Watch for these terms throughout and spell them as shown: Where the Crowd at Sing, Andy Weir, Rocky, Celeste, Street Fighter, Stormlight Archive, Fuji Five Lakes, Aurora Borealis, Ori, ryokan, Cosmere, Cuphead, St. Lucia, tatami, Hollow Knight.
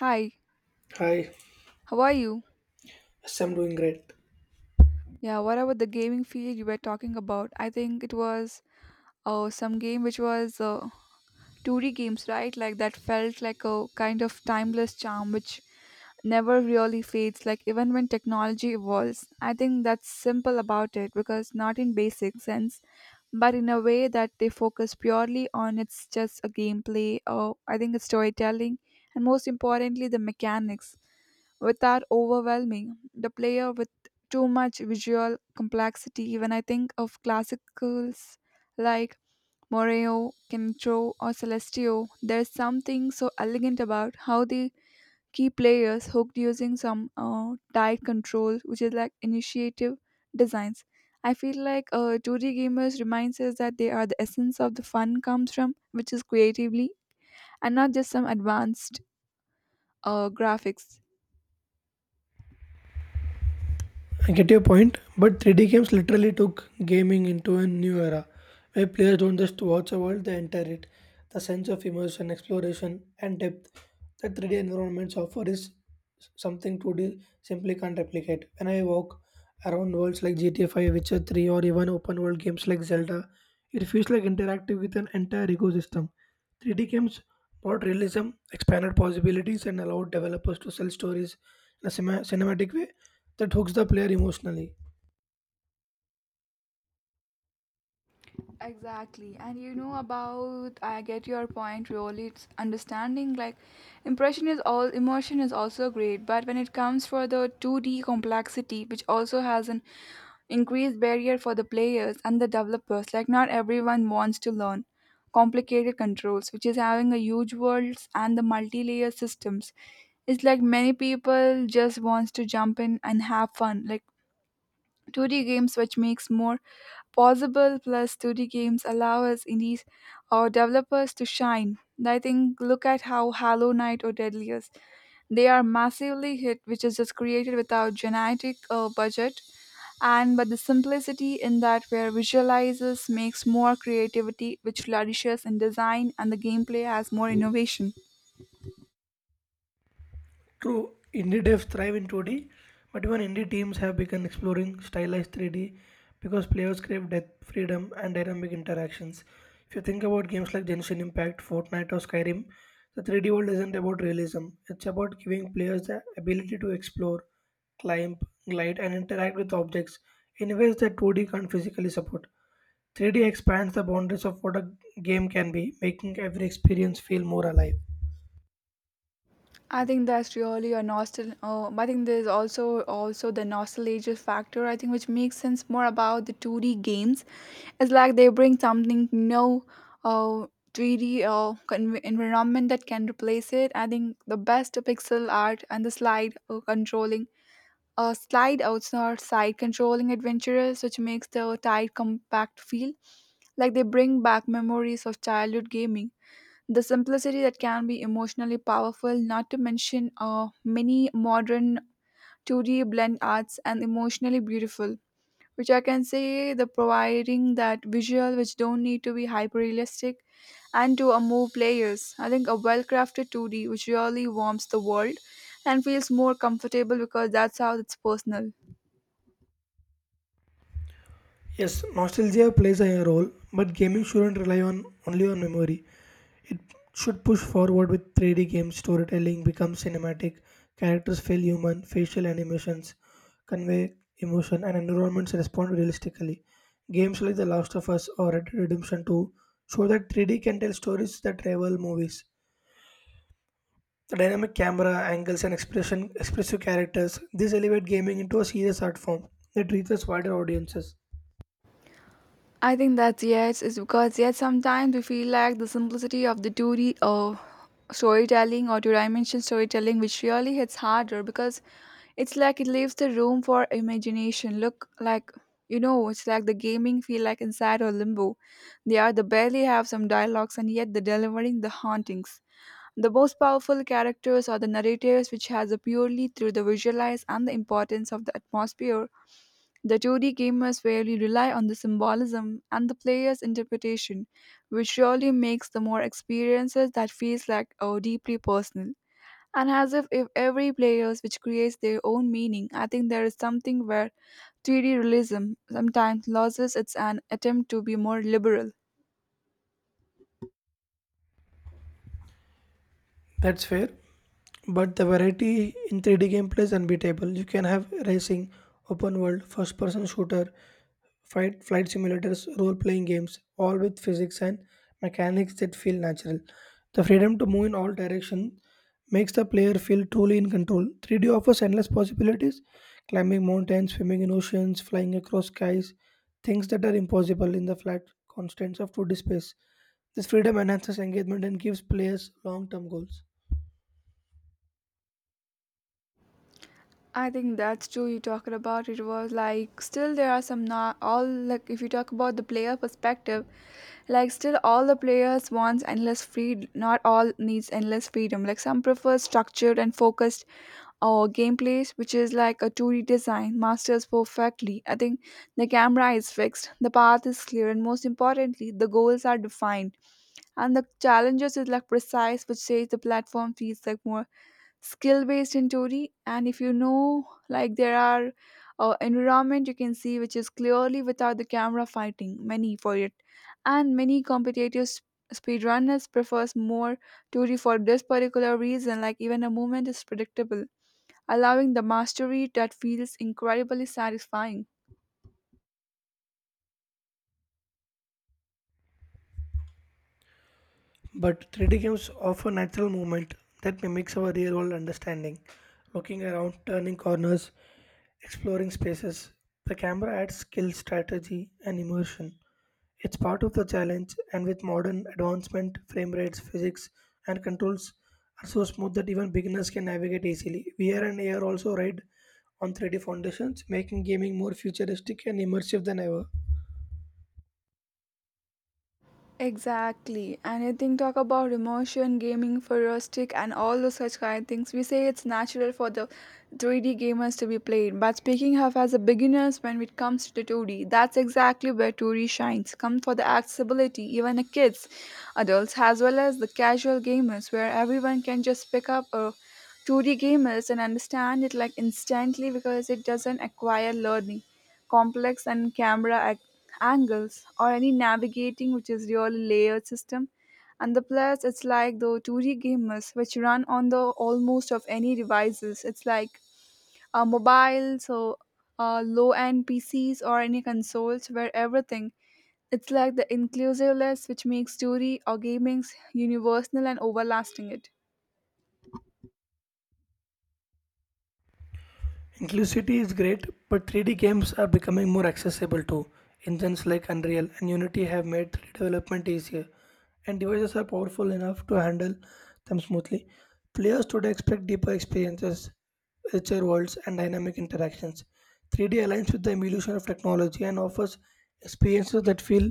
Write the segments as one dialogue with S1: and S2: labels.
S1: Hi,
S2: Hi,
S1: how are you?
S2: yes, I'm doing great.
S1: Yeah, what about the gaming field you were talking about? I think it was some game which was 2D games, right? Like that felt like a kind of timeless charm which never really fades, like even when technology evolves. I think that's simple about it because not in basic sense, but in a way that they focus purely on it's just a gameplay or I think it's storytelling and most importantly the mechanics without overwhelming the player with too much visual complexity. When I think of classicals like Moreo, Kintro, or Celestio, there's something so elegant about how they keep players hooked using some tight control, which is like initiative designs. I feel like 2D gamers reminds us that they are the essence of the fun comes from, which is creatively and not just some advanced graphics.
S2: I get your point, but 3D games literally took gaming into a new era where players don't just watch a world, they enter it. The sense of immersion, exploration, and depth that 3D environments offer is something 2D simply can't replicate. When I walk around worlds like GTA 5, Witcher 3, or even open world games like Zelda, it feels like interactive with an entire ecosystem. 3D games brought realism, expanded possibilities, and allowed developers to sell stories in a cinematic way that hooks the player emotionally.
S1: Exactly. And you know about I get your point really it's understanding like impression is all emotion is also great, but when it comes for the 2D complexity which also has an increased barrier for the players and the developers like not everyone wants to learn complicated controls which is having a huge worlds and the multi-layer systems. It's like many people just wants to jump in and have fun like 2D games which makes more possible plus 2D games allow us indies or developers to shine. I think look at how Hollow Knight or Deadliest, they are massively hit, which is just created without genetic budget, and but the simplicity in that where visualizes makes more creativity, which flourishes in design, and the gameplay has more innovation.
S2: True, indie devs thrive in 2D, but even indie teams have begun exploring stylized 3D because players crave depth, freedom, and dynamic interactions. If you think about games like Genshin Impact, Fortnite, or Skyrim, the 3D world isn't about realism, it's about giving players the ability to explore, climb, glide, and interact with objects in ways that 2D can't physically support. 3D expands the boundaries of what a game can be, making every experience feel more alive.
S1: I think that's really a nostal. I think there's also the nostalgia factor. I think which makes sense more about the two D games. It's like they bring something no, uh, three D environment that can replace it. I think the best pixel art and the slide outside side controlling adventurers, which makes the tight compact feel like they bring back memories of childhood gaming. The simplicity that can be emotionally powerful, not to mention many modern 2D blend arts and emotionally beautiful, which I can say the providing that visual which don't need to be hyper realistic and to move players. I think a well crafted 2D which really warms the world and feels more comfortable because that's how it's personal.
S2: Yes, nostalgia plays a role, but gaming shouldn't rely on only on memory. It should push forward with 3D games, storytelling becomes cinematic, characters feel human, facial animations convey emotion, and environments respond realistically. Games like The Last of Us or Red Dead Redemption 2 show that 3D can tell stories that rival movies. The dynamic camera angles and expressive characters, this elevate gaming into a serious art form that reaches wider audiences.
S1: I think that's yes, is because yet sometimes we feel like the simplicity of the 2D storytelling or 2 dimension storytelling, which really hits harder because it's like it leaves the room for imagination. Look, like you know, it's like the gaming feel like inside or limbo. They are the barely have some dialogues and yet they're delivering the hauntings. The most powerful characters are the narrators, which has a purely through the visualize and the importance of the atmosphere. The 2D gamers rarely rely on the symbolism and the player's interpretation, which really makes the more experiences that feels like oh, deeply personal. And as if every players which creates their own meaning, I think there is something where 3D realism sometimes loses its an attempt to be more liberal.
S2: That's fair. But the variety in 3D gameplay is unbeatable. You can have racing, open world, first person shooter, fight flight simulators, role playing games, all with physics and mechanics that feel natural. The freedom to move in all directions makes the player feel truly in control. 3D offers endless possibilities, climbing mountains, swimming in oceans, flying across skies, things that are impossible in the flat constraints of 2D space. This freedom enhances engagement and gives players long term goals.
S1: I think that's true. You talking about it was like still there are some not all like if you talk about the player perspective, like still all the players wants endless freedom. Not all needs endless freedom. Like some prefer structured and focused or gameplays, which is like a 2D design masters perfectly. I think the camera is fixed, the path is clear, and most importantly, the goals are defined. And the challenges is like precise, which says the platform feels like more skill based in theory and if you know like there are environment you can see which is clearly without the camera fighting many for it and many competitive speedrunners prefers more theory for this particular reason like even a movement is predictable allowing the mastery that feels incredibly satisfying.
S2: But 3D games offer natural movement that mimics our real world understanding. Looking around, turning corners, exploring spaces, the camera adds skill, strategy, and immersion. It's part of the challenge, and with modern advancement, frame rates, physics, and controls are so smooth that even beginners can navigate easily. VR and AR also ride on 3D foundations, making gaming more futuristic and immersive than ever.
S1: Exactly. And I think talk about immersion, gaming, for a stick, and all those such kind of things. We say it's natural for the 3D gamers to be played, but speaking of as a beginners when it comes to the 2D, that's exactly where 2D shines. Come for the accessibility, even the kids, adults, as well as the casual gamers, where everyone can just pick up a 2D gamers and understand it like instantly because it doesn't acquire learning, complex and camera angles or any navigating which is really layered system and the plus it's like the 2D gamers which run on the almost of any devices it's like a mobile so low end pcs or any consoles where everything it's like the inclusive list which makes 2D or gaming's universal and overlasting it.
S2: Inclusivity is great, but 3D games are becoming more accessible too. Engines like Unreal and Unity have made 3D development easier, and devices are powerful enough to handle them smoothly. Players today expect deeper experiences, richer worlds, and dynamic interactions. 3D aligns with the evolution of technology and offers experiences that feel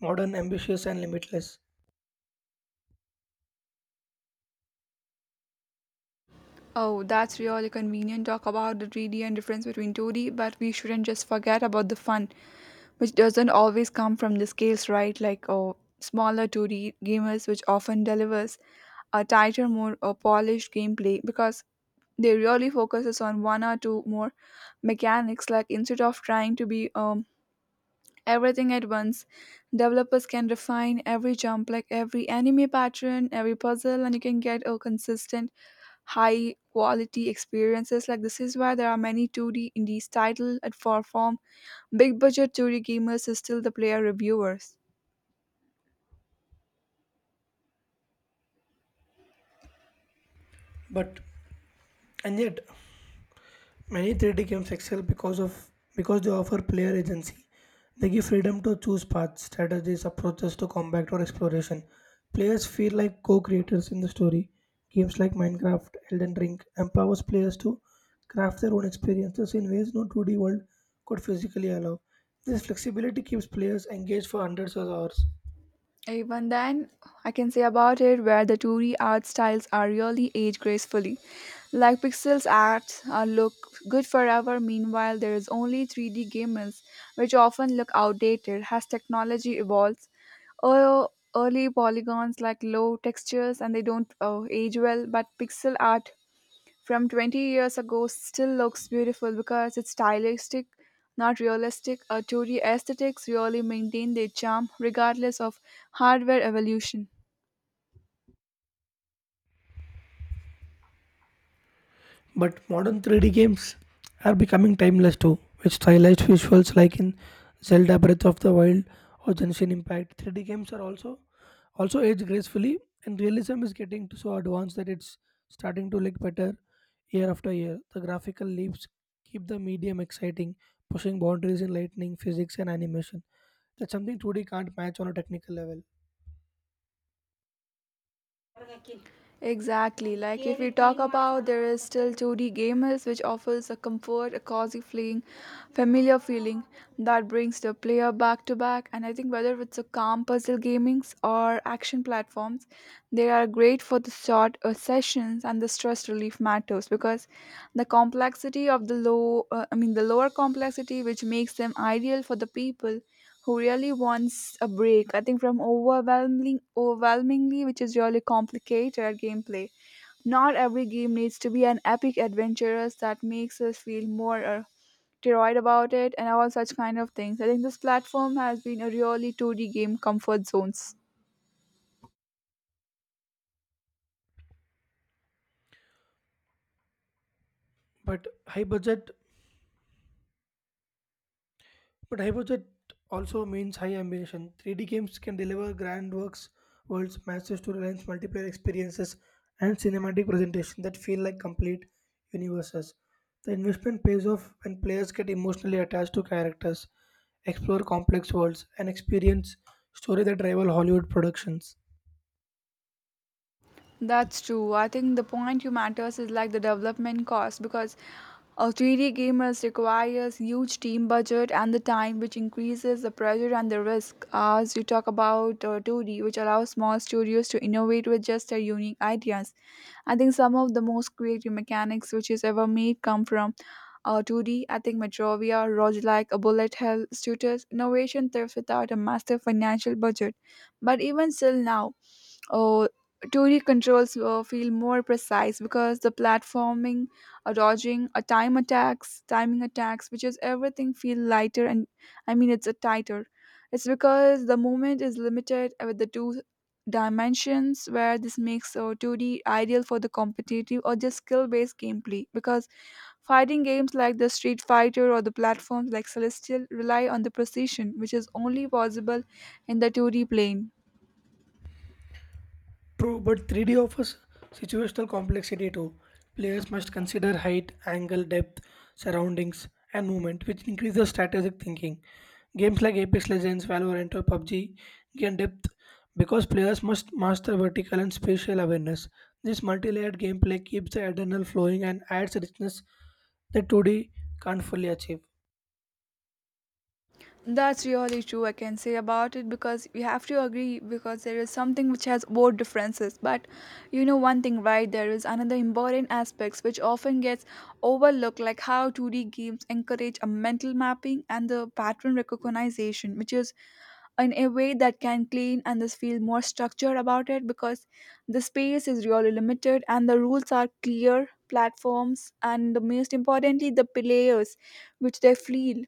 S2: modern, ambitious, and limitless.
S1: Oh, that's really convenient. Talk about the 3D and difference between 2D, but we shouldn't just forget about the fun, which doesn't always come from the scales, right? Like oh, smaller 2D gamers, which often delivers a tighter, more polished gameplay because they really focuses on one or two more mechanics. Like instead of trying to be everything at once, developers can refine every jump, like every anime pattern, every puzzle, and you can get a consistent, high quality experiences. Like this is why there are many 2D indies title at for form big budget Tory gamers still the player reviewers.
S2: But, and yet, many 3D games excel because they offer player agency. They give freedom to choose paths, strategies, approaches to combat or exploration. Players feel like co-creators in the story. Games like Minecraft, Elden Ring empowers players to craft their own experiences in ways no 2D world could physically allow. This flexibility keeps players engaged for hundreds of hours.
S1: Even then, I can say about it where the 2D art styles are really age gracefully. Like Pixels art look good forever, meanwhile, there is only 3D gamers, which often look outdated as technology evolves. Ear- Early polygons like low textures and they don't age well, but pixel art from 20 years ago still looks beautiful because it's stylistic, not realistic. A 2D aesthetics really maintain their charm regardless of hardware evolution.
S2: But modern 3D games are becoming timeless too, with stylized visuals like in Zelda Breath of the Wild or Genshin Impact. 3D games are also age gracefully, and realism is getting to so advanced that it's starting to look better year after year. The graphical leaps keep the medium exciting, pushing boundaries in lighting, physics, and animation. That's something 2D can't match on a technical level.
S1: Exactly. Like if we talk about there is still 2D gamers which offers a comfort, a cozy feeling, familiar feeling that brings the player back to back and I think whether it's a calm puzzle gamings or action platforms, they are great for the short sessions and the stress relief matters because the complexity of the low I mean the lower complexity which makes them ideal for the people who really wants a break, I think, from overwhelming, overwhelmingly, which is really complicated gameplay. Not every game needs to be an epic adventurous that makes us feel more teroid about it and all such kind of things. I think this platform has been a really 2D game comfort zones.
S2: But high budget But high budget also means high ambition. 3D games can deliver worlds, massive storylines, multiplayer experiences, and cinematic presentations that feel like complete universes. The investment pays off when players get emotionally attached to characters, explore complex worlds, and experience story that rival Hollywood productions.
S1: That's true. I think the point you matters is like the development cost because 3D gamers requires huge team budget and the time which increases the pressure and the risk as you talk about 2D which allows small studios to innovate with just their unique ideas. I think some of the most creative mechanics which is ever made come from 2D. I think Metrovia, Roguelike, a Bullet Hell, Shooters, innovation thrives without a massive financial budget. But even still now, oh, Tory controls feel more precise because the platforming, a dodging, a timing attacks, which is everything feel lighter and I mean it's a tighter. It's because the movement is limited with the two dimensions where this makes 2D ideal for the competitive or just skill-based gameplay because fighting games like the Street Fighter or the platforms like Celestial rely on the precision which is only possible in the 2D plane.
S2: True, but 3D offers situational complexity too. Players must consider height, angle, depth, surroundings, and movement, which increases strategic thinking. Games like Apex Legends, Valorant, or PUBG gain depth because players must master vertical and spatial awareness. This multi-layered gameplay keeps the adrenaline flowing and adds richness that 2D can't fully achieve.
S1: That's really true, I can say about it because we have to agree because there is something which has both differences. But you know, one thing, right? There is another important aspects which often gets overlooked, like how 2D games encourage a mental mapping and the pattern recognition, which is in a way that can clean and this feel more structured about it because the space is really limited and the rules are clear platforms and the most importantly the players which they feel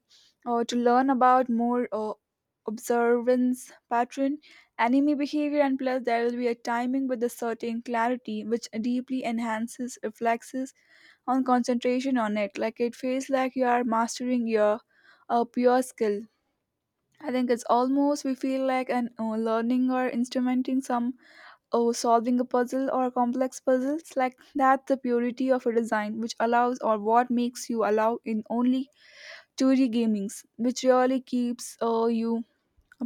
S1: to learn about more observance pattern enemy behavior and plus there will be a timing with a certain clarity which deeply enhances reflexes on concentration on it like it feels like you are mastering your pure skill. I think it's almost we feel like an learning or instrumenting some or solving a puzzle or complex puzzles like that's the purity of a design which allows or what makes you allow in only story gamings, which really keeps you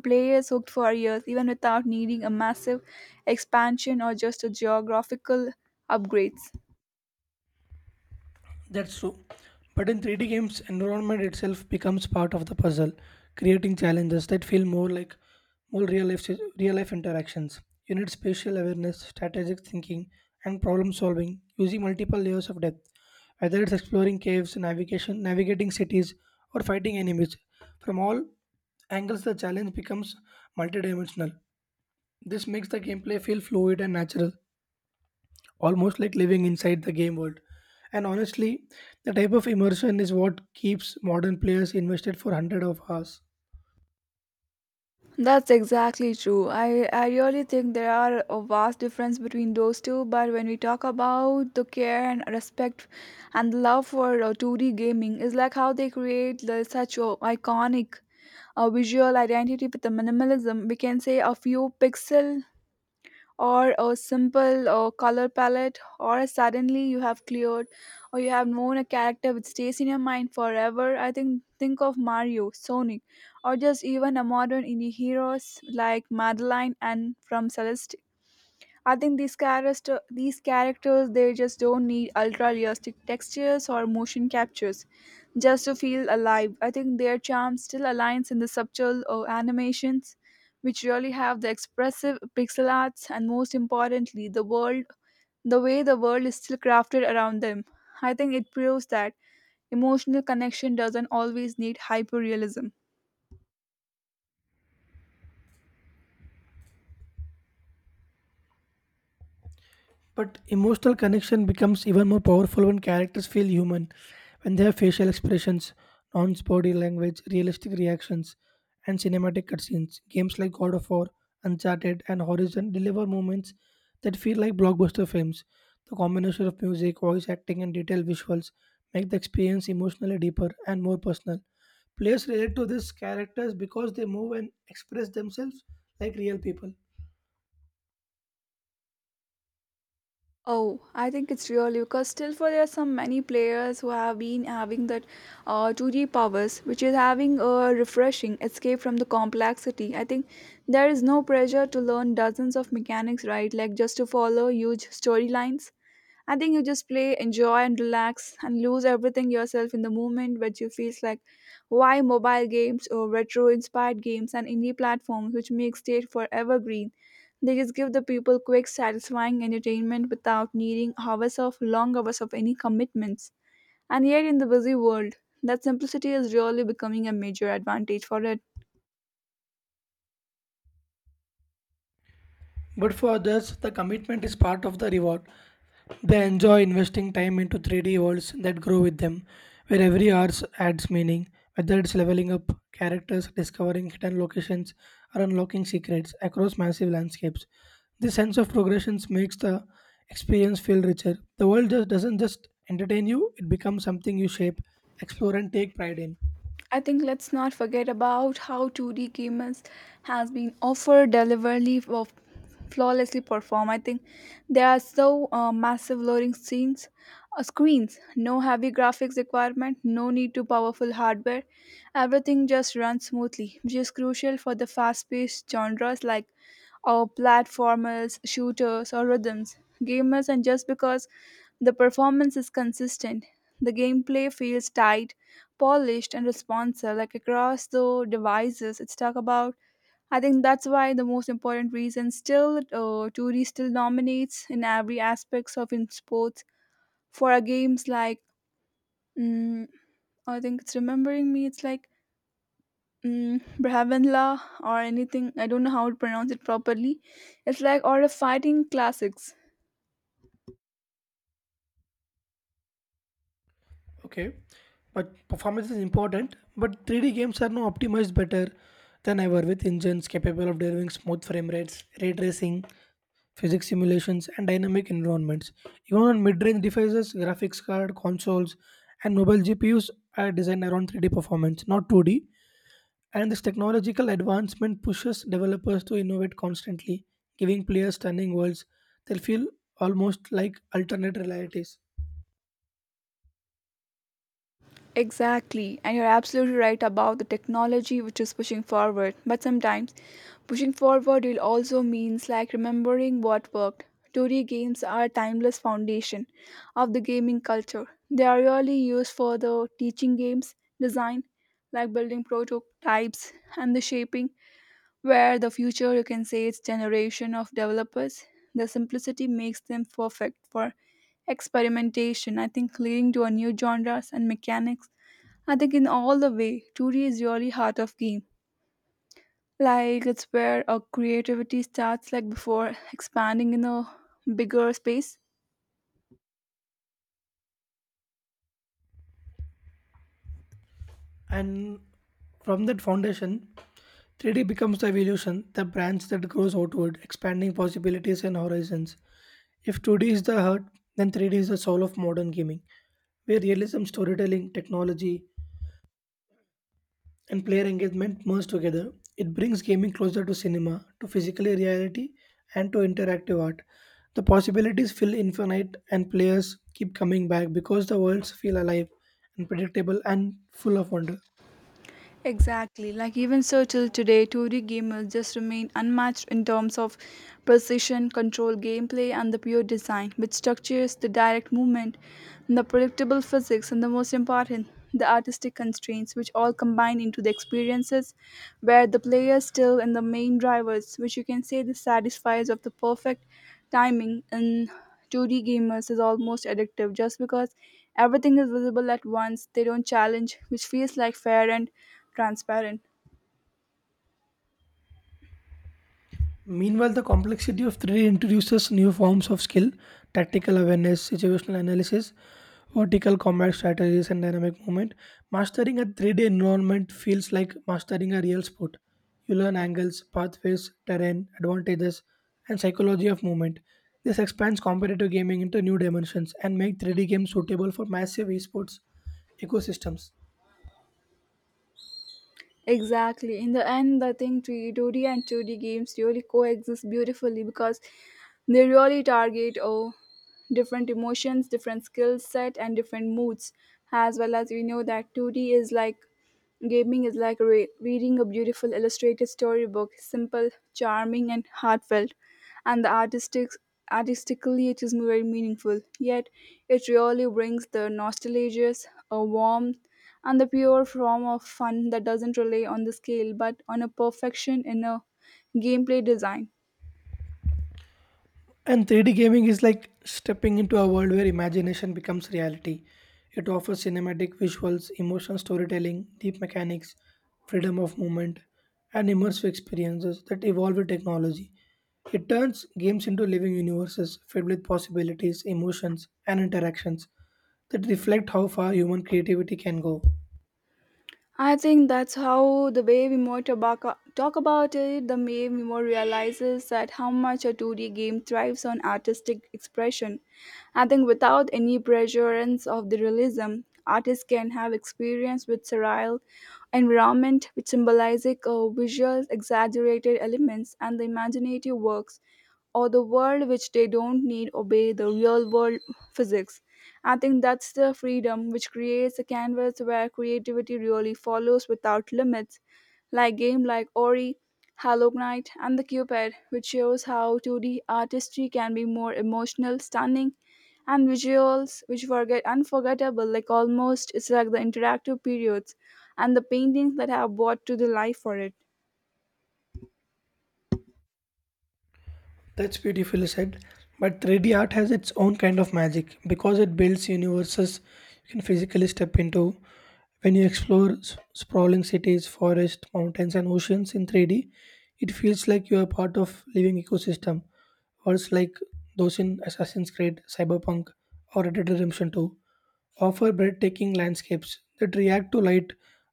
S1: players hooked for years, even without needing a massive expansion or just a geographical upgrades.
S2: That's true. But in 3D games, environment itself becomes part of the puzzle, creating challenges that feel more like more real life interactions. You need spatial awareness, strategic thinking, and problem solving using multiple layers of depth. Whether it's exploring caves, navigating cities, or fighting enemies, from all angles the challenge becomes multidimensional. This makes the gameplay feel fluid and natural almost like living inside the game world. And honestly, the type of immersion is what keeps modern players invested for hundreds of hours.
S1: That's exactly true. I really think there are a vast difference between those two, but when we talk about the care and respect and the love for 2D gaming, is like how they create the, such a iconic visual identity with the minimalism. We can say a few pixel or a simple color palette, or suddenly you have cleared or you have known a character which stays in your mind forever. I think of Mario, Sonic, or just even a modern indie heroes like Madeline and from Celeste. I think these characters they just don't need ultra realistic textures or motion captures just to feel alive. I think their charm still aligns in the subtle animations, which really have the expressive pixel arts, and most importantly, the world, the way the world is still crafted around them. I think it proves that emotional connection doesn't always need hyperrealism.
S2: But emotional connection becomes even more powerful when characters feel human, when they have facial expressions, nuanced body language, realistic reactions, and cinematic cutscenes. Games like God of War, Uncharted, and Horizon deliver moments that feel like blockbuster films. The combination of music, voice acting, and detailed visuals make the experience emotionally deeper and more personal. Players relate to these characters because they move and express themselves like real people.
S1: Oh, I think it's really because still for there are some many players who have been having that 2G powers, which is having a refreshing escape from the complexity. I think there is no pressure to learn dozens of mechanics, right? Like just to follow huge storylines. I think you just play, enjoy, and relax and lose everything yourself in the moment which you feels like why mobile games or retro inspired games and indie platforms which make state forever green. They just give the people quick, satisfying entertainment without needing hours of long hours of any commitments. And yet in the busy world, that simplicity is really becoming a major advantage for.
S2: But for others, the commitment is part of the reward. They enjoy investing time into 3D worlds that grow with them, where every hour adds meaning, whether it's leveling up characters, discovering hidden locations, or unlocking secrets across massive landscapes. This sense of progression makes the experience feel richer. The world just doesn't just entertain you, it becomes something you shape, explore, and take pride in.
S1: I think let's not forget about how 2D gamers has been offered deliberately of flawlessly perform. I think there are so massive loading scenes, screens, no heavy graphics requirement, no need to powerful hardware. Everything just runs smoothly, which is crucial for the fast-paced genres like our platformers, shooters, or rhythms. Gamers, and just because the performance is consistent. The gameplay feels tight, polished, and responsive, like across the devices it's talked about. I think that's why the most important reason still 2D still dominates in every aspects of in sports for our games like mm, I think it's remembering me. It's like Brahmanla or anything. I don't know how to pronounce it properly. It's like all the fighting classics.
S2: Okay, but performance is important, but 3D games are now optimized better than ever with engines capable of delivering smooth frame rates, ray tracing, physics simulations, and dynamic environments. Even on mid-range devices, graphics card, consoles, and mobile GPUs are designed around 3D performance, not 2D. And this technological advancement pushes developers to innovate constantly, giving players stunning worlds that feel almost like alternate realities.
S1: Exactly, and you're absolutely right about the technology which is pushing forward. But sometimes pushing forward will also means like remembering what worked. Today games are a timeless foundation of the gaming culture. They are really used for the teaching games design, like building prototypes and the shaping, where the future you can say it's generation of developers. The simplicity makes them perfect for experimentation, I think leading to a new genres and mechanics. I think in all the way, 2D is really heart of game. Like it's where our creativity starts like before expanding in a bigger space.
S2: And from that foundation, 3D becomes the evolution, the branch that grows outward, expanding possibilities and horizons. If 2D is the heart, then 3D is the soul of modern gaming, where realism, storytelling, technology, and player engagement merge together. It brings gaming closer to cinema, to physical reality, and to interactive art. The possibilities feel infinite, and players keep coming back because the worlds feel alive, unpredictable, and full of wonder.
S1: Exactly. Like even so till today, 2D gamers just remain unmatched in terms of precision, control, gameplay, and the pure design, which structures the direct movement, the predictable physics, and the most important, the artistic constraints, which all combine into the experiences where the player is still in the main drivers, which you can say the satisfies of the perfect timing. And 2D gamers is almost addictive just because everything is visible at once. They don't challenge, which feels like fair and transparent.
S2: Meanwhile, the complexity of 3D introduces new forms of skill, tactical awareness, situational analysis, vertical combat strategies, and dynamic movement. Mastering a 3D environment feels like mastering a real sport. You learn angles, pathways, terrain, advantages, and psychology of movement. This expands competitive gaming into new dimensions and makes 3D games suitable for massive esports ecosystems.
S1: Exactly. In the end, I think 2D and 2D games really coexist beautifully because they really target different emotions, different skill set, and different moods. As well as we know that 2D is like gaming is like reading a beautiful illustrated storybook, simple, charming, and heartfelt. And the artistically, it is very meaningful. Yet, it really brings the nostalgia, a warmth, and the pure form of fun that doesn't rely on the scale but on a perfection in a gameplay design.
S2: And 3D gaming is like stepping into a world where imagination becomes reality. It offers cinematic visuals, emotional storytelling, deep mechanics, freedom of movement, and immersive experiences that evolve with technology. It turns games into living universes filled with possibilities, emotions, and interactions that reflect how far human creativity can go.
S1: I think that's how the way we more tobacco talk about it, the way we more realizes that how much a 2D game thrives on artistic expression. I think without any reassurance of the realism, artists can have experience with surreal environment which symbolizes visual exaggerated elements and the imaginative works or the world which they don't need obey the real world physics. I think that's the freedom which creates a canvas where creativity really follows without limits, like game like Ori, Hollow Knight, and the Cuphead, which shows how 2D artistry can be more emotional, stunning, and visuals which were get unforgettable, like almost it's like the interactive periods and the paintings that have brought to the life for it.
S2: That's beautifully said. But 3D art has its own kind of magic because it builds universes you can physically step into. When you explore sprawling cities, forests, mountains, and oceans in 3D, it feels like you are part of living ecosystem. Words like those in Assassin's Creed, Cyberpunk, or Red Dead Redemption 2 offer breathtaking landscapes that react to light,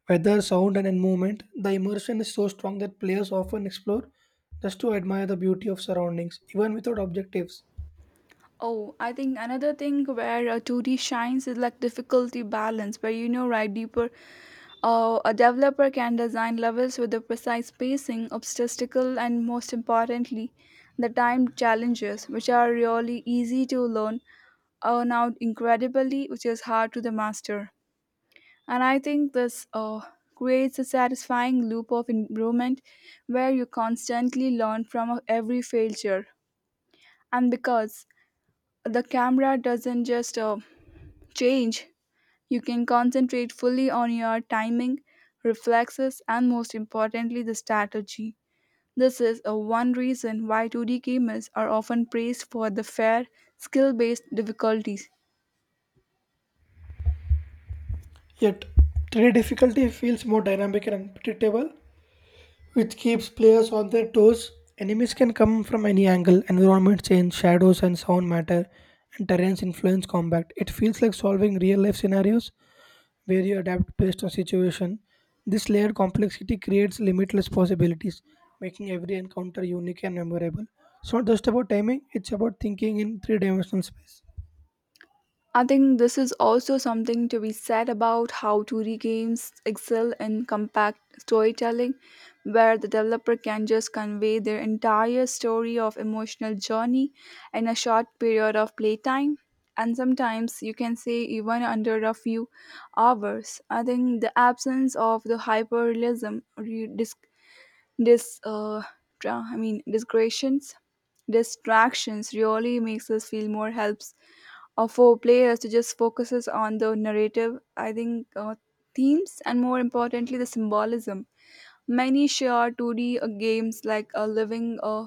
S2: weather, sound, and movement. The immersion is so strong that players often explore just to admire the beauty of surroundings, even without objectives.
S1: Oh, I think another thing where 2D shines is like difficulty balance, where right, deeper. A developer can design levels with the precise spacing, obstacle, and most importantly, the time challenges, which are really easy to learn, are now incredibly, which is hard to the master. And I think this creates a satisfying loop of improvement where you constantly learn from every failure. And because the camera doesn't just change, you can concentrate fully on your timing, reflexes, and most importantly, the strategy. This is a one reason why 2D gamers are often praised for the fair, skill based difficulties.
S2: Yet, 3D difficulty feels more dynamic and unpredictable, which keeps players on their toes. Enemies can come from any angle, environment change, shadows and sound matter, and terrains influence combat. It feels like solving real life scenarios where you adapt based on situation. This layered complexity creates limitless possibilities, making every encounter unique and memorable. It's not just about timing, it's about thinking in three dimensional space.
S1: I think this is also something to be said about how 2D games excel in compact storytelling, where the developer can just convey their entire story of emotional journey in a short period of playtime. And sometimes you can say even under a few hours. I think the absence of the hyperrealism, or you dis, dis, tra- I mean, digressions, distractions really makes us feel more helps for players to just focuses on the narrative. I think themes and more importantly the symbolism many share 2d games like a living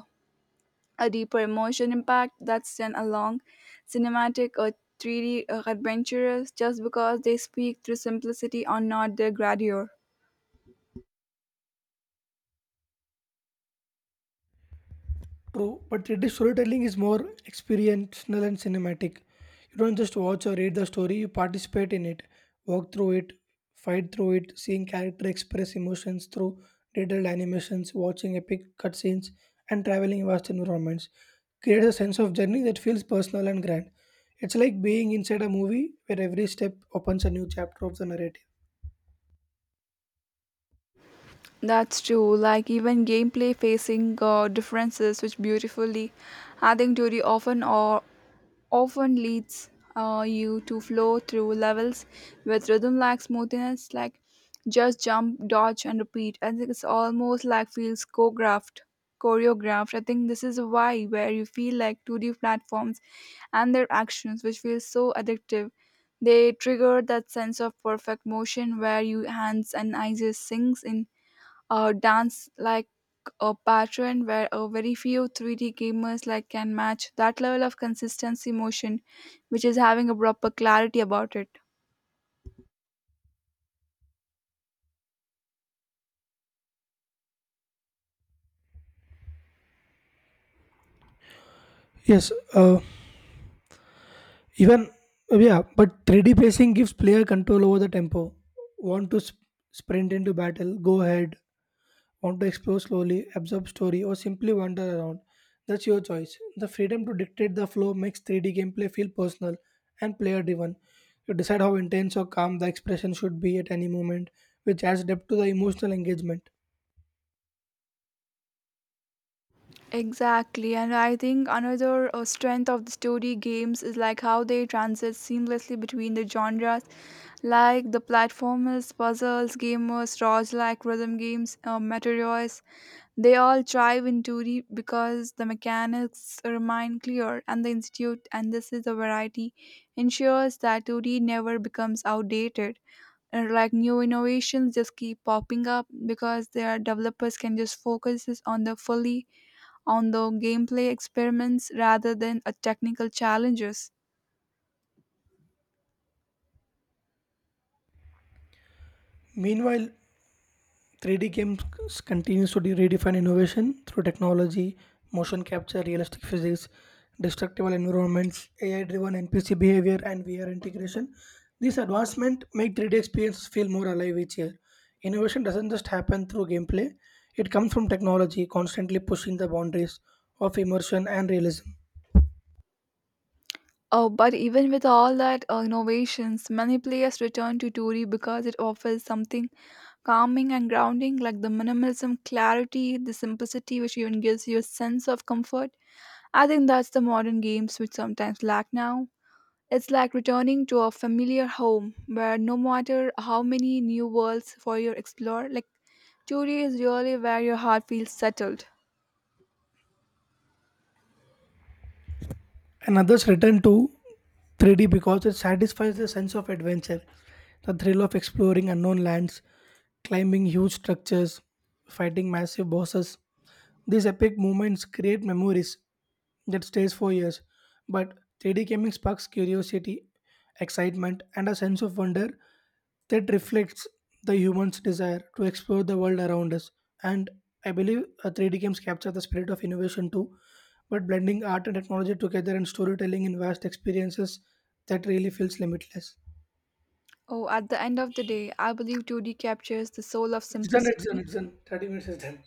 S1: a deeper emotion impact that's then along cinematic or 3d adventurers just because they speak through simplicity or not their grandeur.
S2: True, but British storytelling is more experiential and cinematic. You don't just watch or read the story, you participate in it, walk through it, fight through it, seeing character express emotions through detailed animations, watching epic cutscenes, and traveling vast environments. Creates a sense of journey that feels personal and grand. It's like being inside a movie where every step opens a new chapter of the narrative.
S1: That's true, like even gameplay facing differences which beautifully I think 2d often leads you to flow through levels with rhythm like smoothness, like just jump, dodge, and repeat. I think it's almost like feels choreographed. I think this is why where you feel like 2D platforms and their actions, which feels so addictive. They trigger that sense of perfect motion where you hands and eyes just sinks in a dance like a pattern where a very few 3D gamers like can match that level of consistency motion which is having a proper clarity about it.
S2: Yes, Even yeah, but 3D pacing gives player control over the tempo. Want to sprint into battle? Go ahead. Want to explore slowly, absorb story, or simply wander around? That's your choice. The freedom to dictate the flow makes 3D gameplay feel personal and player driven. You decide how intense or calm the expression should be at any moment, which adds depth to the emotional engagement.
S1: Exactly, and I think another strength of the story games is like how they transit seamlessly between the genres, like the platformers, puzzles, gamers, roguelike rhythm games, meteors. They all thrive in Turi because the mechanics remain clear and the institute and this is a variety ensures that Turi never becomes outdated. And like new innovations just keep popping up because their developers can just focus is on the fully on the gameplay experiments rather than a technical challenges.
S2: Meanwhile, 3D games continues to redefine innovation through technology, motion capture, realistic physics, destructible environments, AI-driven NPC behavior, and VR integration. These advancements make 3D experiences feel more alive each year. Innovation doesn't just happen through gameplay; it comes from technology constantly pushing the boundaries of immersion and realism.
S1: Oh, but even with all that innovations, many players return to Tori because it offers something calming and grounding, like the minimalism, clarity, the simplicity, which even gives you a sense of comfort. I think that's the modern games which sometimes lack now. It's like returning to a familiar home where no matter how many new worlds for you explore, like two D is really where your heart feels settled.
S2: And others return to 3D because it satisfies the sense of adventure, the thrill of exploring unknown lands, climbing huge structures, fighting massive bosses. These epic moments create memories that stays for years. But 3D gaming sparks curiosity, excitement, and a sense of wonder that reflects the human's desire to explore the world around us. And I believe 3D games capture the spirit of innovation too, but blending art and technology together and storytelling in vast experiences that really feels limitless.
S1: Oh, at the end of the day, I believe 2D captures the soul of
S2: It's done, it's done,
S1: simplicity.
S2: it's done. 30 minutes is done.